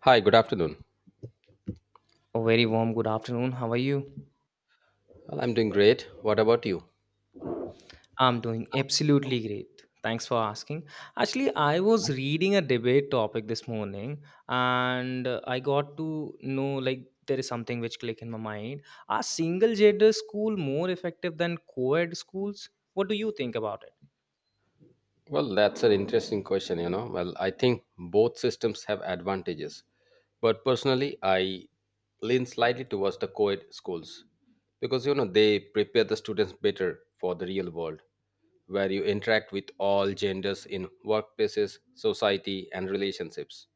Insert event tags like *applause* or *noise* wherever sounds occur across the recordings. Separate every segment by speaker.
Speaker 1: Hi, good afternoon.
Speaker 2: A very warm good afternoon. How are you?
Speaker 1: Well, I'm doing great. What about you?
Speaker 2: I'm doing absolutely great. Thanks for asking. Actually, I was reading a debate topic this morning and I got to know like there is something which clicked in my mind. Are single gender school more effective than co-ed schools? What do you think about it?
Speaker 1: Well, that's an interesting question, you know. Well, I think both systems have advantages, but personally, I lean slightly towards the co-ed schools because you know they prepare the students better for the real world where you interact with all genders in workplaces, society, and relationships.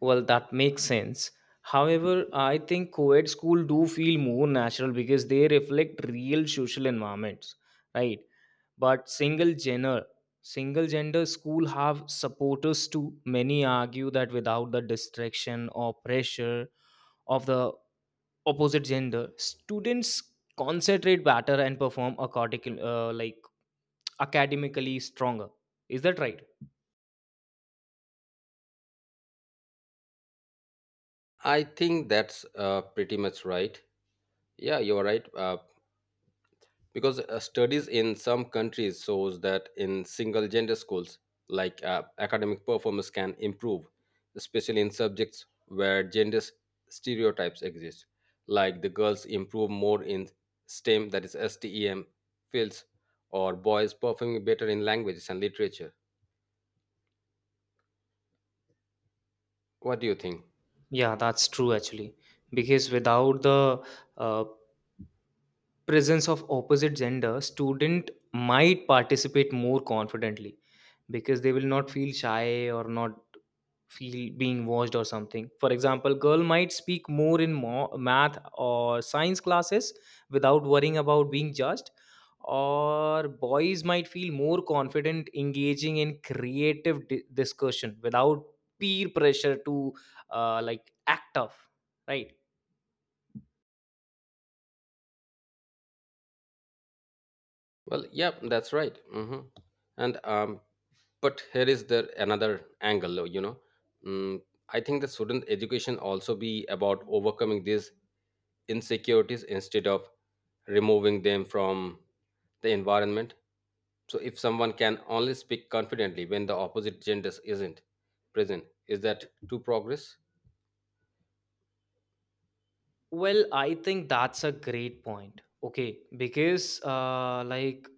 Speaker 2: Well, that makes sense. However, I think co-ed school do feel more natural because they reflect real social environments, right? But single gender school have supporters too. Many argue that without the distraction or pressure of the opposite gender, students concentrate better and perform according, like academically stronger. Is that right?
Speaker 1: I think that's pretty much right. Yeah, you're right. Because studies in some countries shows that in single gender schools like academic performance can improve, especially in subjects where stereotypes exist, like the girls improve more in stem that is stem fields, or boys performing better in languages and literature. What do you think?
Speaker 2: Yeah, that's true actually. Because without the uh, presence of opposite gender student might participate more confidently because they will not feel shy or not feel being watched or something, for example, girl might speak more in math or science classes without worrying about being judged, or boys might feel more confident engaging in creative discussion without peer pressure to like act tough, right?
Speaker 1: Well, yeah, that's right. hmm and But here is there another angle, you know. Mm, I think that student education also be about overcoming these insecurities instead of removing them from the environment. So if someone can only speak confidently when the opposite gender isn't present, is that true progress?
Speaker 2: Well, I think that's a great point. Okay, because like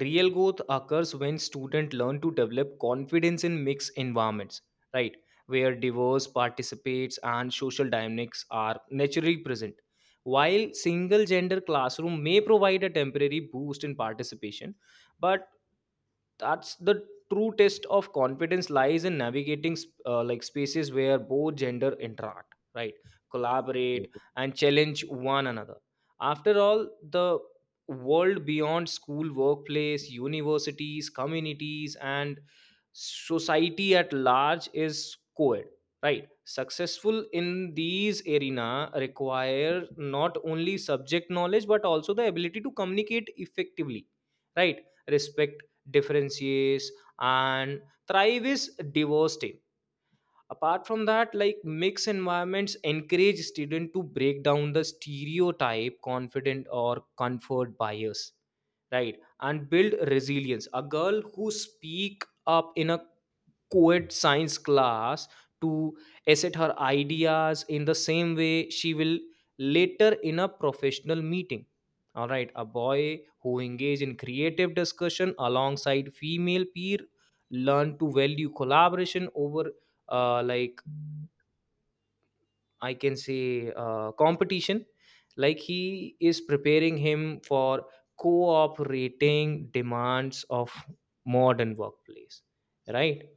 Speaker 2: real growth occurs when students learn to develop confidence in mixed environments, right? Where diverse participates and social dynamics are naturally present. While single gender classroom may provide a temporary boost in participation, but that's the true test of confidence lies in navigating like spaces where both gender interact, right? Collaborate and challenge one another. After all, the world beyond school, workplace, universities, communities, and society at large is co-ed, right? Successful in these arena require not only subject knowledge but also the ability to communicate effectively, right? Respect differentiates and thrive is diverse team. Apart from that, like mixed environments encourage student to break down the stereotype confident or comfort bias, right? And build resilience. A girl who speak up in a co-ed science class to assert her ideas in the same way she will later in a professional meeting. All right, a boy who engage in creative discussion alongside female peer learn to value collaboration over like I can say competition, like he is preparing him for cooperating demands of modern workplace, right?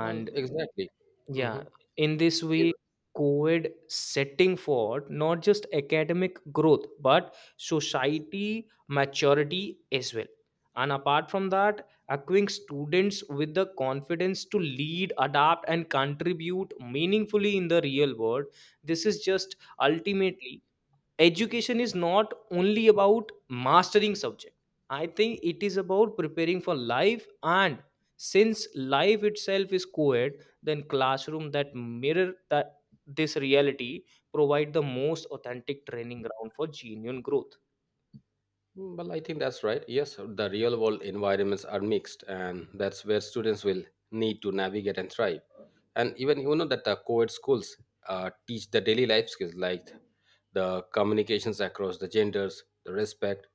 Speaker 1: Well, exactly.
Speaker 2: yeah,
Speaker 1: Mhm.
Speaker 2: in this way, COVID setting forward not just academic growth but society maturity as well. And apart from that, equipping students with the confidence to lead, adapt, and contribute meaningfully in the real world. This is just ultimately education is not only about mastering subject. I think it is about preparing for life, and since life itself is co-ed, then classroom that mirror that this reality provide the most authentic training ground for genuine growth.
Speaker 1: Mm, well, I think that's right. Yes, the real world environments are mixed, and that's where students will need to navigate and thrive. And even you know that the co-ed schools teach the daily life skills like the communications across the genders, the respect,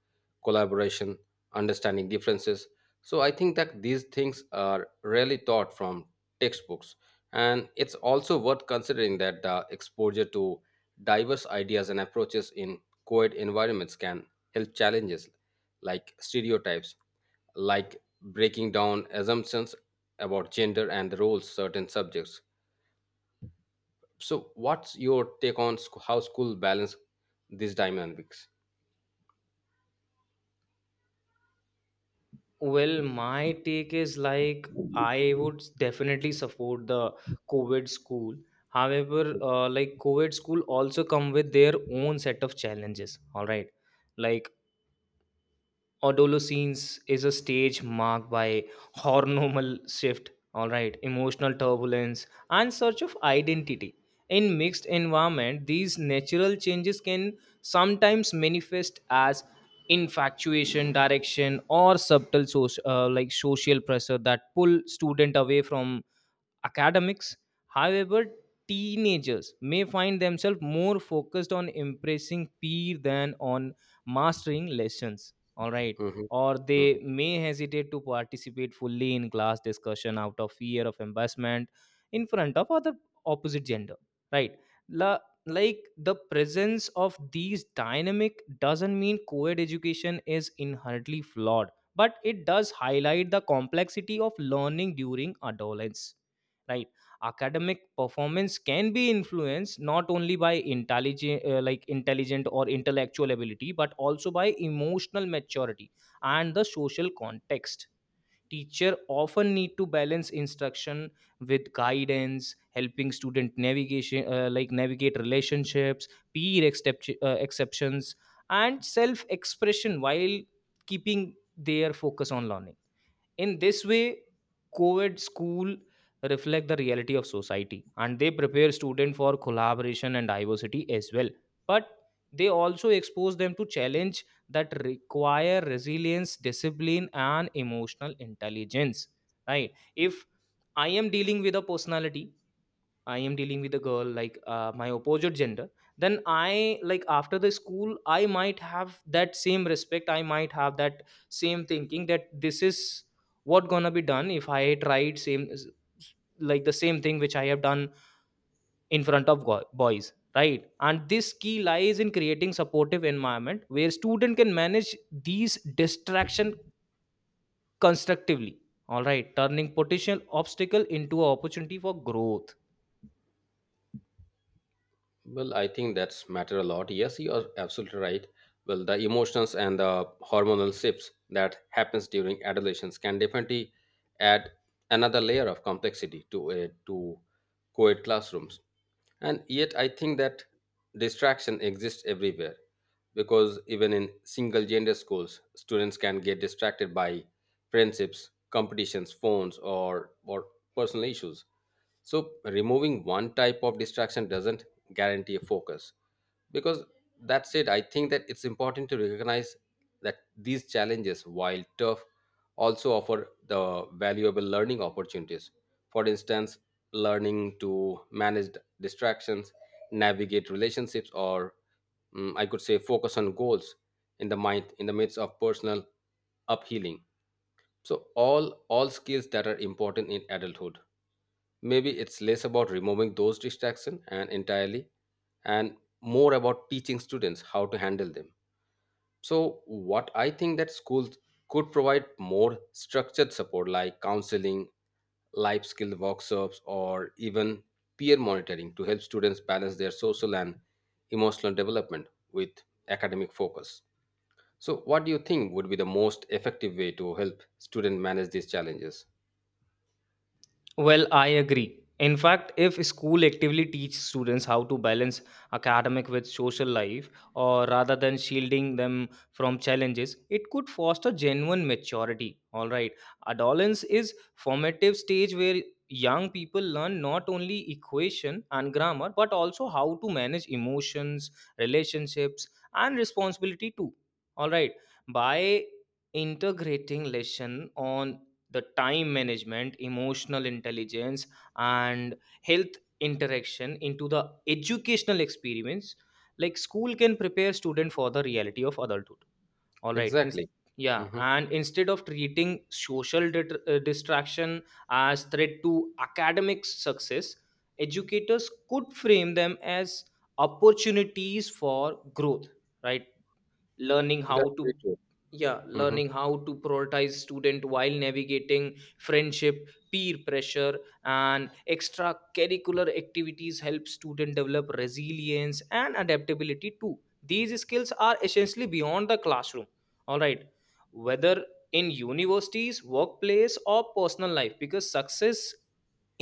Speaker 1: collaboration, understanding differences. So I think that these things are rarely taught from textbooks, and it's also worth considering that the exposure to diverse ideas and approaches in co-ed environments can health challenges like stereotypes, like breaking down assumptions about gender and the roles certain subjects. So, what's your take on sc- how school balance these dynamics?
Speaker 2: Well, my take is like I would definitely support the covid school. However, like covid school also come with their own set of challenges, all right? Like adolescence is a stage marked by hormonal shift, all right? Emotional turbulence and search of identity in mixed environment. These natural changes can sometimes manifest as infatuation direction or subtle like social pressure that pull student away from academics. However, teenagers may find themselves more focused on impressing peer than on mastering lessons. All right.
Speaker 1: Mhm.
Speaker 2: Or they may hesitate to participate fully in class discussion out of fear of embarrassment in front of other opposite gender. Right. La- like the presence of these dynamic doesn't mean co-ed education is inherently flawed, but it does highlight the complexity of learning during adolescence, right? Academic performance can be influenced not only by intelligent, like intelligent or intellectual ability, but also by emotional maturity and the social context. Teacher often need to balance instruction with guidance, helping student navigation, like navigate relationships, peer exceptions, and self expression while keeping their focus on learning. In this way, COVID school reflect the reality of society and they prepare students for collaboration and diversity as well. But they also expose them to challenge that require resilience, discipline, and emotional intelligence. Right? If I am dealing with a personality, I am dealing with a girl, like my opposite gender, then I like after the school I might have that same respect, I might have that same thinking that this is what gonna be done if I tried same, like the same thing which I have done in front of boys, right? And this key lies in creating supportive environment where student can manage these distraction constructively, all right? Turning potential obstacle into an opportunity for growth.
Speaker 1: Well, I think that's matter a lot. Yes, you are absolutely right. Well, the emotions and the hormonal shifts that happens during adolescence can definitely add another layer of complexity to co-ed classrooms. And yet, I think that distraction exists everywhere because even in single gender schools, students can get distracted by friendships, competitions, phones, or personal issues. So, removing one type of distraction doesn't guarantee a focus. Because that said, I think that it's important to recognize that these challenges, while tough, also offer the valuable learning opportunities. For instance, learning to manage distractions, navigate relationships, or I could say focus on goals in the mind in the midst of personal uphealing. So all skills that are important in adulthood, maybe it's less about removing those distractions and entirely and more about teaching students how to handle them. So what I think that schools could provide more structured support like counseling, life skill workshops, or even peer monitoring to help students balance their social and emotional development with academic focus. So what do you think would be the most effective way to help students manage these challenges?
Speaker 2: Well, I agree. In fact, if school actively teach students how to balance academic with social life, or rather than shielding them from challenges, it could foster genuine maturity. All right, adolescence is formative stage where young people learn not only equation and grammar but also how to manage emotions, relationships, and responsibility too. All right, by integrating lesson on the time management, emotional intelligence, and health interaction into the educational experience, like school can prepare student for the reality of adulthood, all right, in-
Speaker 1: Exactly.
Speaker 2: yeah,
Speaker 1: Hmm.
Speaker 2: and instead of treating social distraction as threat to academic success, educators could frame them as opportunities for growth, right? Learning
Speaker 1: That's
Speaker 2: how to,
Speaker 1: very true.
Speaker 2: yeah,
Speaker 1: Hmm.
Speaker 2: learning how to prioritize student while navigating friendship, peer pressure, and extracurricular activities help student develop resilience and adaptability too. These skills are essentially beyond the classroom, all right? Whether in universities, workplace, or personal life, because success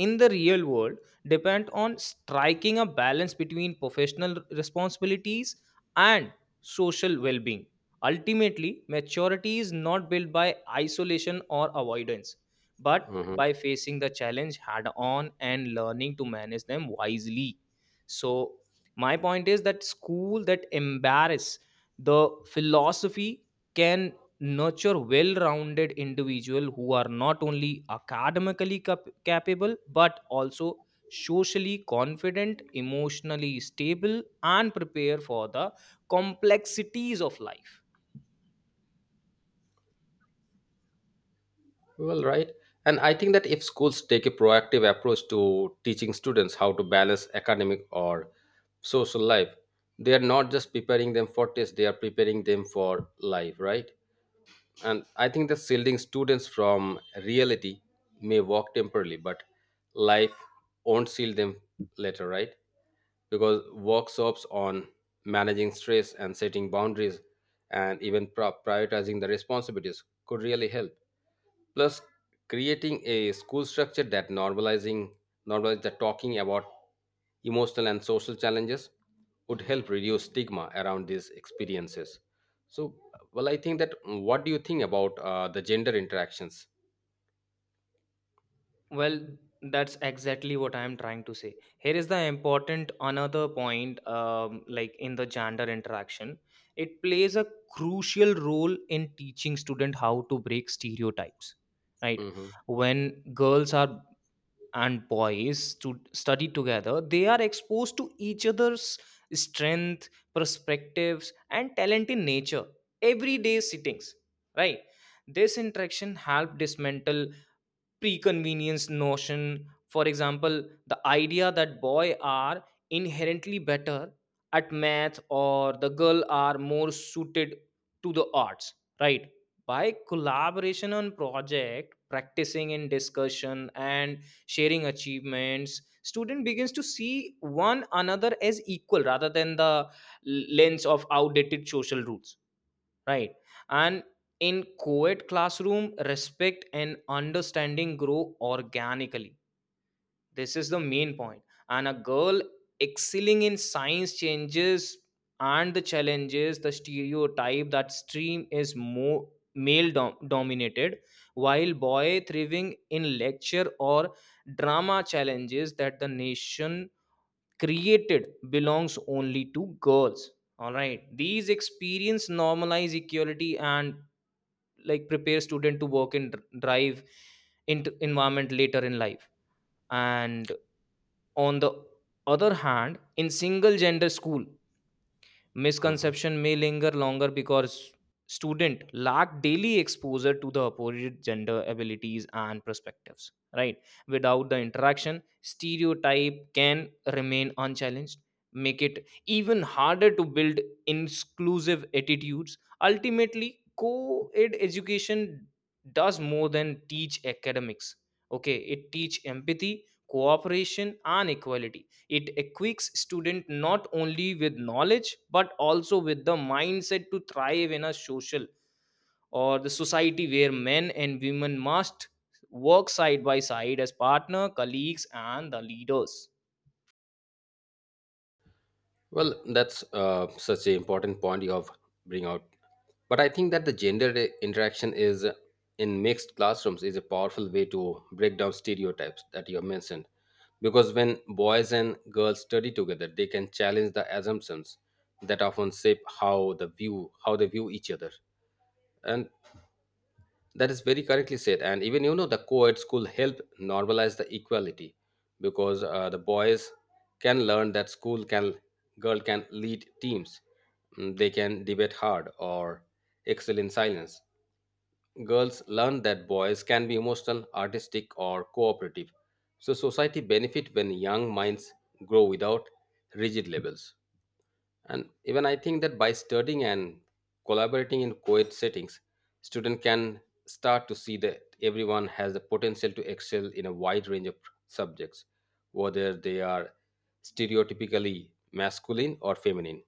Speaker 2: in the real world depend on striking a balance between professional responsibilities and social well being. Ultimately, maturity is not built by isolation or avoidance, but
Speaker 1: Hmm.
Speaker 2: by facing the challenge head on and learning to manage them wisely. So, my point is that school that embarrass the philosophy can nurture well-rounded individual who are not only academically capable but also socially confident, emotionally stable, and prepare for the complexities of life.
Speaker 1: Well, right. And I think that if schools take a proactive approach to teaching students how to balance academic or social life, they are not just preparing them for tests, they are preparing them for life, right? And I think that shielding students from reality may work temporarily, but life won't shield them later, right? Because workshops on managing stress and setting boundaries and even prioritizing the responsibilities could really help. Plus, creating a school structure that normalizing normalize the talking about emotional and social challenges would help reduce stigma around these experiences. So, well, I think that what do you think about the gender interactions?
Speaker 2: Well, that's exactly what I am trying to say. Here is the important another point, like in the gender interaction, it plays a crucial role in teaching student how to break stereotypes. Right,
Speaker 1: Hmm.
Speaker 2: when girls are and boys to study together, they are exposed to each other's strength, perspectives, and talent in nature everyday sittings. Right, this interaction help dismantle preconvenience notion. For example, the idea that boy are inherently better at math or the girl are more suited to the arts, right? By collaboration on project, practicing in discussion, and sharing achievements, student begins to see one another as equal rather than the lens of outdated social rules, right? And in co-ed classroom respect and understanding grow organically. This is the main point. And a girl excelling in science changes and the challenges the stereotype that stream is more dominated, while boy thriving in lecture or drama challenges that the nation created belongs only to girls. All right, these experience normalize equality and like prepare student to work and drive into environment later in life. And on the other hand, in single gender school,
Speaker 1: Hmm.
Speaker 2: misconception may linger longer because student lack daily exposure to the opposite gender abilities and perspectives, right? Without the interaction stereotype can remain unchallenged, make it even harder to build inclusive attitudes. Ultimately, co-ed education does more than teach academics. Okay, it teach empathy, cooperation, and equality. It equips student not only with knowledge but also with the mindset to thrive in a social or the society where men and women must work side by side as partner, colleagues, and the leaders.
Speaker 1: Well, that's such an important point you have bring out. But I think that the interaction is in mixed classrooms is a powerful way to break down stereotypes that you have mentioned. Because when boys and girls study together they can challenge the assumptions that often shape how they view each other. And that is very correctly said. And even you know the co-ed school help normalize the equality because the boys can learn that school can girl can lead teams. Mm, they can debate hard or excel in silence. Girls learn that boys can be emotional, artistic, or cooperative. So society benefit when young minds grow without rigid labels. And even I think that by studying and collaborating in co-ed settings, student can start to see that everyone has the potential to excel in a wide range of subjects, whether they are stereotypically masculine or feminine.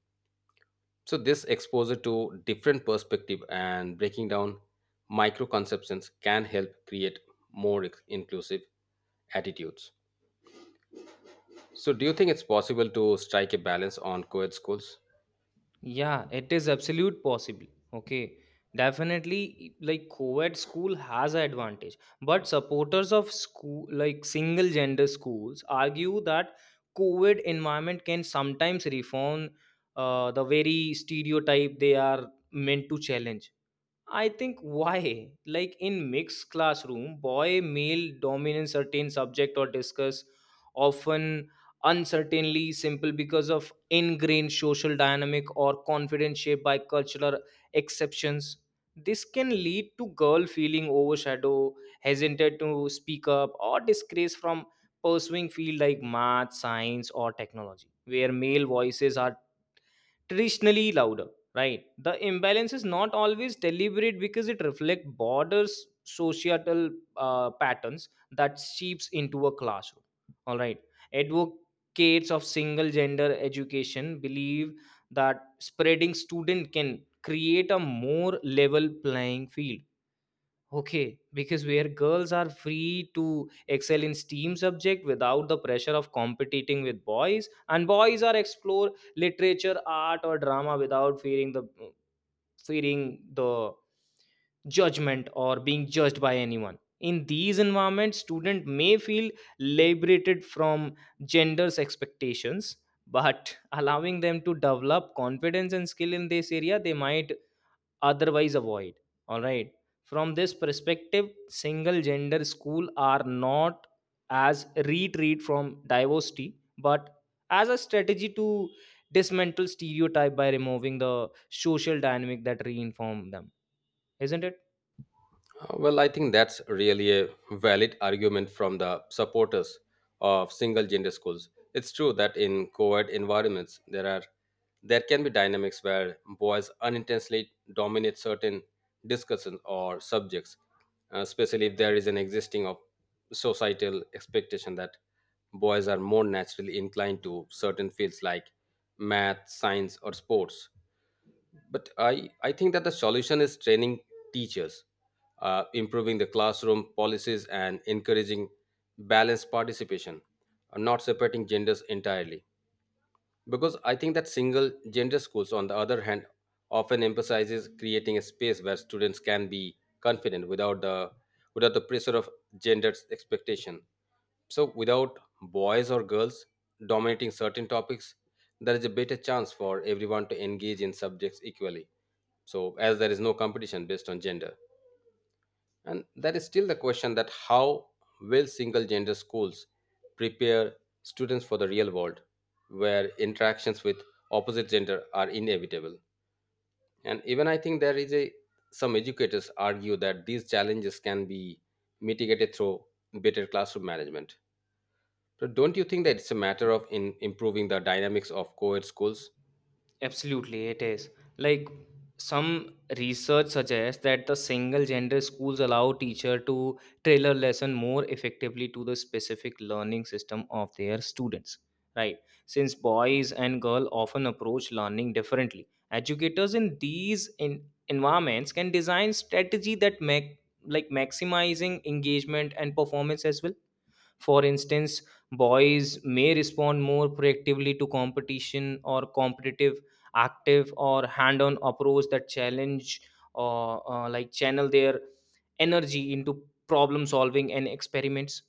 Speaker 1: So this exposure to different perspective and breaking down micro conceptions can help create more inclusive attitudes. So do you think it's possible to strike a balance on co-ed schools?
Speaker 2: Yeah, it is absolute possible. Okay. Definitely like co-ed school has an advantage. But supporters of school like single gender schools argue that co-ed environment can sometimes reform the very stereotype they are meant to challenge. I think why? Like in mixed classroom, boy male dominance certain subject or discuss often uncertainly simple because of ingrained social dynamic or confidence shaped by cultural exceptions. This can lead to girl feeling overshadowed, hesitant to speak up, or disgrace from pursuing field like math, science, or technology, where male voices are traditionally louder, right? The imbalance is not always deliberate because it reflects borders societal patterns that seeps into a classroom, all right? Advocates of single gender education believe that spreading student can create a more level playing field. Okay, because where girls are free to excel in STEAM subject without the pressure of competing with boys, and boys are explore literature, art, or drama without fearing the judgment or being judged by anyone. In these environments, student may feel liberated from gender's expectations, but *laughs* allowing them to develop confidence and skill in this area, they might otherwise avoid, all right? From this perspective single gender school are not as retreat from diversity but as a strategy to dismantle stereotype by removing the social dynamic that reinform them, isn't it?
Speaker 1: Well, I think that's really a valid argument from the supporters of single gender schools. It's true that in co-ed environments there can be dynamics where boys unintentionally dominate certain discussions or subjects, especially if there is an existing of societal expectation that boys are more naturally inclined to certain fields like math, science, or sports. But I think that the solution is training teachers, improving the classroom policies and encouraging balanced participation, and not separating genders entirely. Because I think that single gender schools on the other hand often emphasizes creating a space where students can be confident without the pressure of gender expectation. So without boys or girls dominating certain topics, there is a better chance for everyone to engage in subjects equally, so as there is no competition based on gender. And there is still the question that how will single gender schools prepare students for the real world where interactions with opposite gender are inevitable. And even I think there is a some educators argue that these challenges can be mitigated through better classroom management. So don't you think that it's a matter of in improving the dynamics of co-ed schools?
Speaker 2: Absolutely, it is. Like some research suggests that the single gender schools allow teacher to tailor lesson more effectively to the specific learning system of their students, right? Since boys and girls often approach learning differently, educators in these in environments can design strategy that make like maximizing engagement and performance as well. For instance, boys may respond more proactively to competition or competitive, active, or hand on approach that challenge or channel their energy into problem solving and experiments.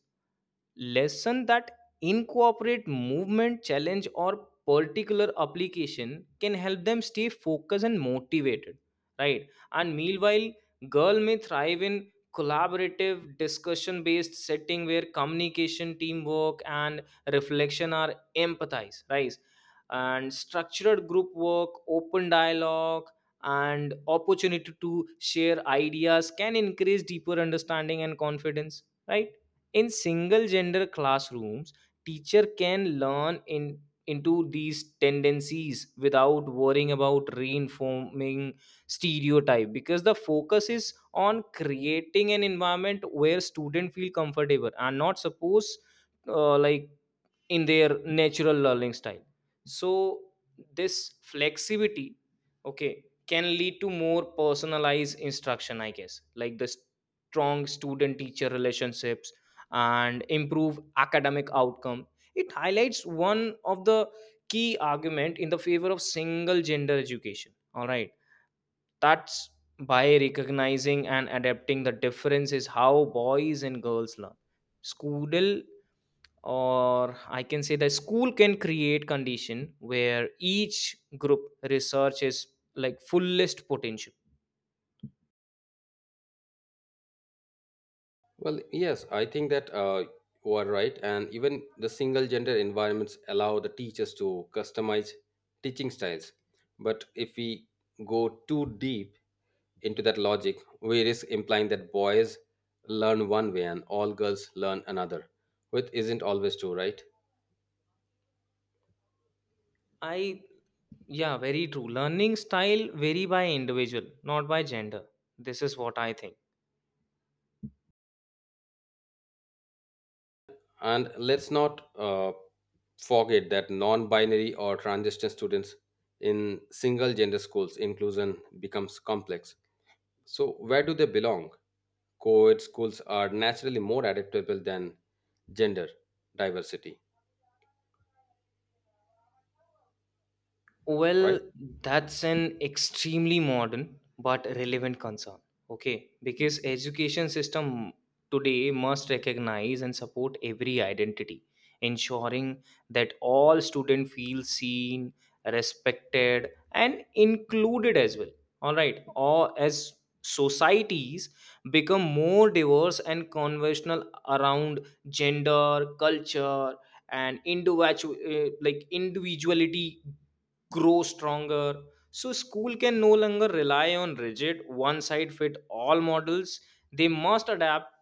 Speaker 2: Lesson that incorporate movement challenge or particular application can help them stay focused and motivated, right? And meanwhile, girl may thrive in collaborative discussion based setting where communication teamwork and reflection are empathized, right? And structured group work open dialogue and opportunity to share ideas can increase deeper understanding and confidence, right? In single gender classrooms, teacher can learn in into these tendencies without worrying about reinforming stereotype, because the focus is on creating an environment where students feel comfortable and not suppose, uh, like in their natural learning style. So this flexibility, okay, can lead to more personalized instruction, I guess, like the strong student teacher relationships and improve academic outcome. It highlights one of the key argument in the favor of single gender education. All right, that's by recognizing and adapting the differences how boys and girls learn, school, or I can say, the school can create condition where each group research is like fullest potential.
Speaker 1: Well, yes, I think that you are right. And even the single gender environments allow the teachers to customize teaching styles. But if we go too deep into that logic, we risk implying that boys learn one way and all girls learn another, which isn't always true, right?
Speaker 2: I Yeah, very true. Learning style vary by individual, not by gender. This is what I think.
Speaker 1: And let's not forget that non binary or transgender students in single gender schools inclusion becomes complex. So, where do they belong? Co ed schools are naturally more adaptable than gender diversity, right?
Speaker 2: Well, that's an extremely modern but relevant concern. Okay, because education system today must recognize and support every identity, ensuring that all student feel seen, respected, and included as well. All right, or as societies become more diverse and conventional around gender, culture, and individual, like individuality grow stronger. So, school can no longer rely on rigid, one size fit all models. They must adapt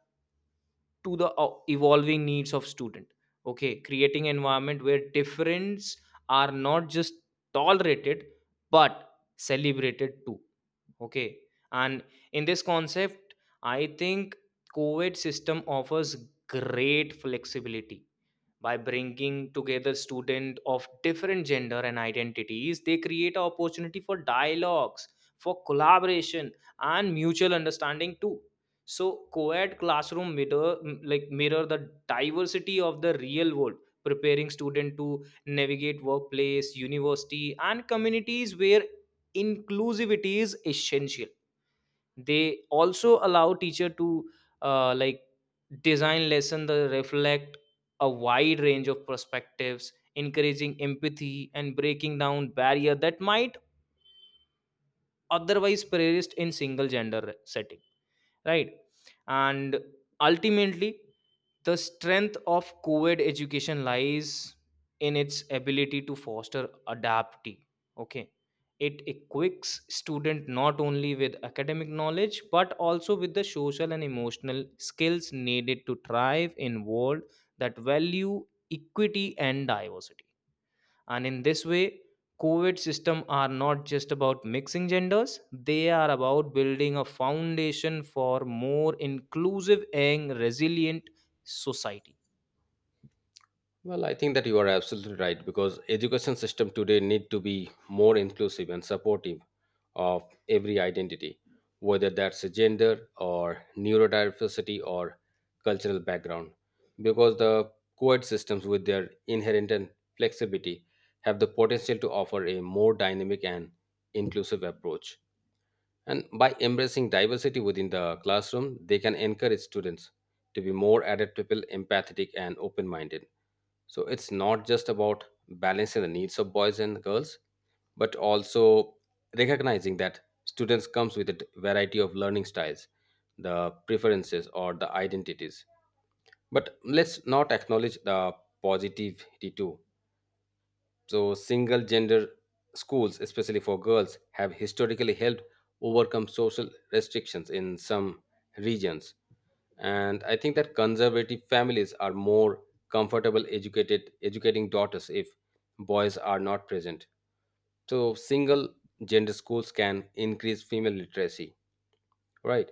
Speaker 2: to the evolving needs of student. Okay, creating environment where difference are not just tolerated but celebrated too. Okay, and in this concept, I think COVID system offers great flexibility. By bringing together students of different gender and identities, they create an opportunity for dialogues, for collaboration and mutual understanding too. So co-ed classroom mirror, mirror the diversity of the real world, preparing student to navigate workplace university and communities where inclusivity is essential. They also allow teacher to uh, like design lesson that reflect a wide range of perspectives, encouraging empathy and breaking down barrier that might otherwise persist in single gender setting, right? And ultimately, the strength of covid education lies in its ability to foster adaptee. Okay, it equips student not only with academic knowledge but also with the social and emotional skills needed to thrive in world that value equity and diversity. And in this way, covid system are not just about mixing genders, they are about building a foundation for more inclusive and resilient society.
Speaker 1: Well, I think that you are absolutely right because education system today need to be more inclusive and supportive of every identity, whether that's a gender or neurodiversity or cultural background, because the co-ed systems with their inherent and flexibility have the potential to offer a more dynamic and inclusive approach. And by embracing diversity within the classroom, they can encourage students to be more adaptable, empathetic, and open minded. So it's not just about balancing the needs of boys and girls, but also recognizing that students comes with a variety of learning styles, the preferences or the identities. But let's not acknowledge the positivity too. So, single gender schools, especially for girls, have historically helped overcome social restrictions in some regions. And I think that conservative families are more comfortable educated educating daughters if boys are not present. So, single gender schools can increase female literacy, right?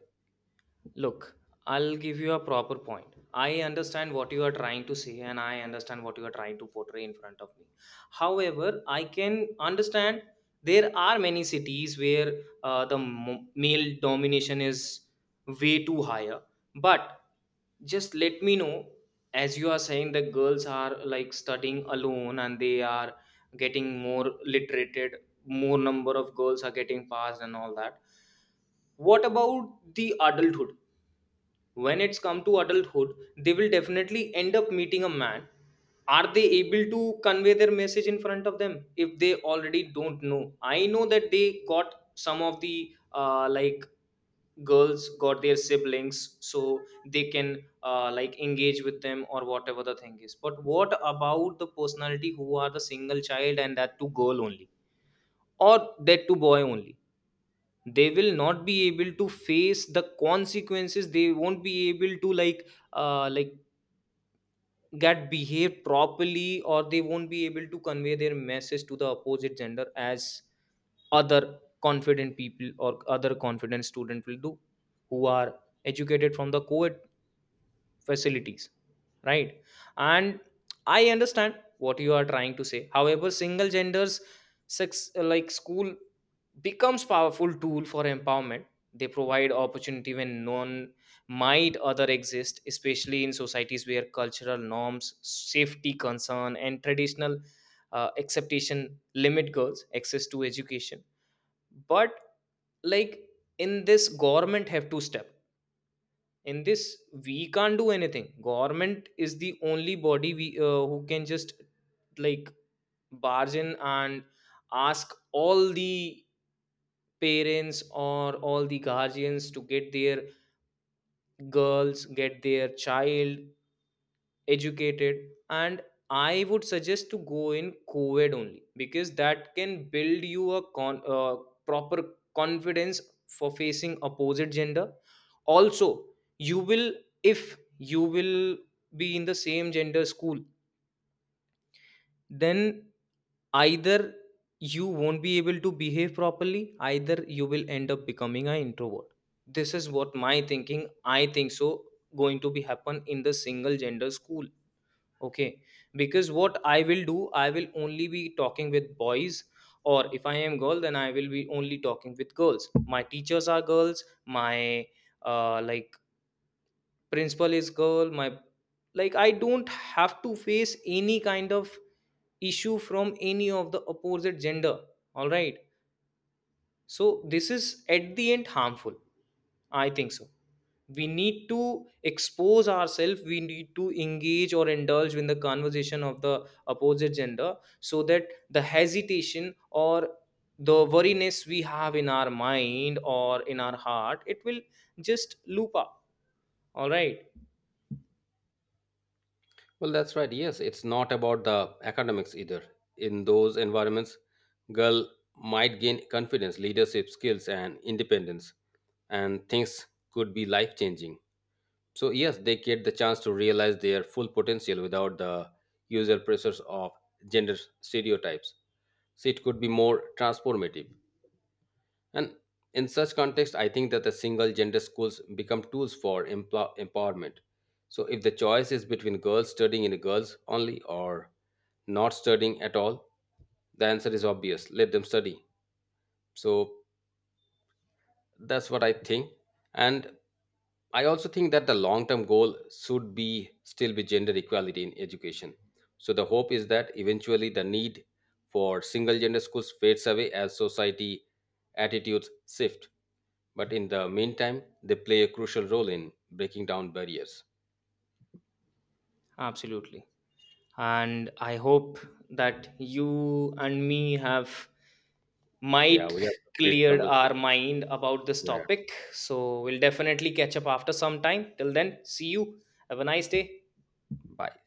Speaker 2: Look, I'll give you a proper point. I understand what you are trying to say, and I understand what you are trying to portray in front of me. However, I can understand there are many cities where the male domination is way too higher. But just let me know, as you are saying, the girls are like studying alone and they are getting more literated, more number of girls are getting passed and all that. What about the adulthood? When it's come to adulthood, they will definitely end up meeting a man. Are they able to convey their message in front of them if they already don't know? I know that they got some of the, girls got their siblings, so they can, engage with them or whatever the thing is. But what about the personality who are the single child, and that to girl only, or that to boy only? They will not be able to face the consequences. They won't be able to like, uh, like get behave properly, or they won't be able to convey their message to the opposite gender as other confident people or other confident student will do, who are educated from the co facilities, right? And I understand what you are trying to say. However, single genders sex, school becomes powerful tool for empowerment. They provide opportunity when none might other exist, especially in societies where cultural norms safety concern and traditional acceptation limit girls access to education. But like, in this government have to step in this. We can't do anything. Government is the only body, we who can just like barge in and ask all the parents or all the guardians to get their girls, get their child educated. And I would suggest to go in co-ed only, because that can build you a proper confidence for facing opposite gender. Also, you will, if you will be in the same gender school, then either you won't be able to behave properly, either you will end up becoming an introvert. This is what my thinking, I think so, going to be happen in the single gender school. Okay, because what I will do, I will only be talking with boys, or if I am girl, then I will be only talking with girls. My teachers are girls, my uh, like principal is girl, my like, I don't have to face any kind of issue from any of the opposite gender. All right, so, this is at the end harmful. I think so. We need to expose ourselves, we need to engage or indulge in the conversation of the opposite gender, so that the hesitation or the worriness we have in our mind or in our heart, it will just loop up. All right.
Speaker 1: Well, that's right. Yes, it's not about the academics either. In those environments, girl might gain confidence, leadership skills, and independence, and things could be life changing. So, yes, they get the chance to realize their full potential without the usual pressures of gender stereotypes. So, it could be more transformative. And in such context, I think that the single gender schools become tools for empowerment. So if the choice is between girls studying in a girls only or not studying at all, the answer is obvious. Let them study. So that's what I think. And I also think that the long term goal should be still be gender equality in education. So the hope is that eventually the need for single gender schools fades away as society attitudes shift. But in the meantime, they play a crucial role in breaking down barriers.
Speaker 2: Absolutely. And I hope that you and me have
Speaker 1: Yeah,
Speaker 2: might
Speaker 1: we have a great
Speaker 2: cleared
Speaker 1: conversation.
Speaker 2: our mind about this
Speaker 1: Yeah.
Speaker 2: topic. So we'll definitely catch up after some time. Till then, see you. Have a nice day.
Speaker 1: Bye.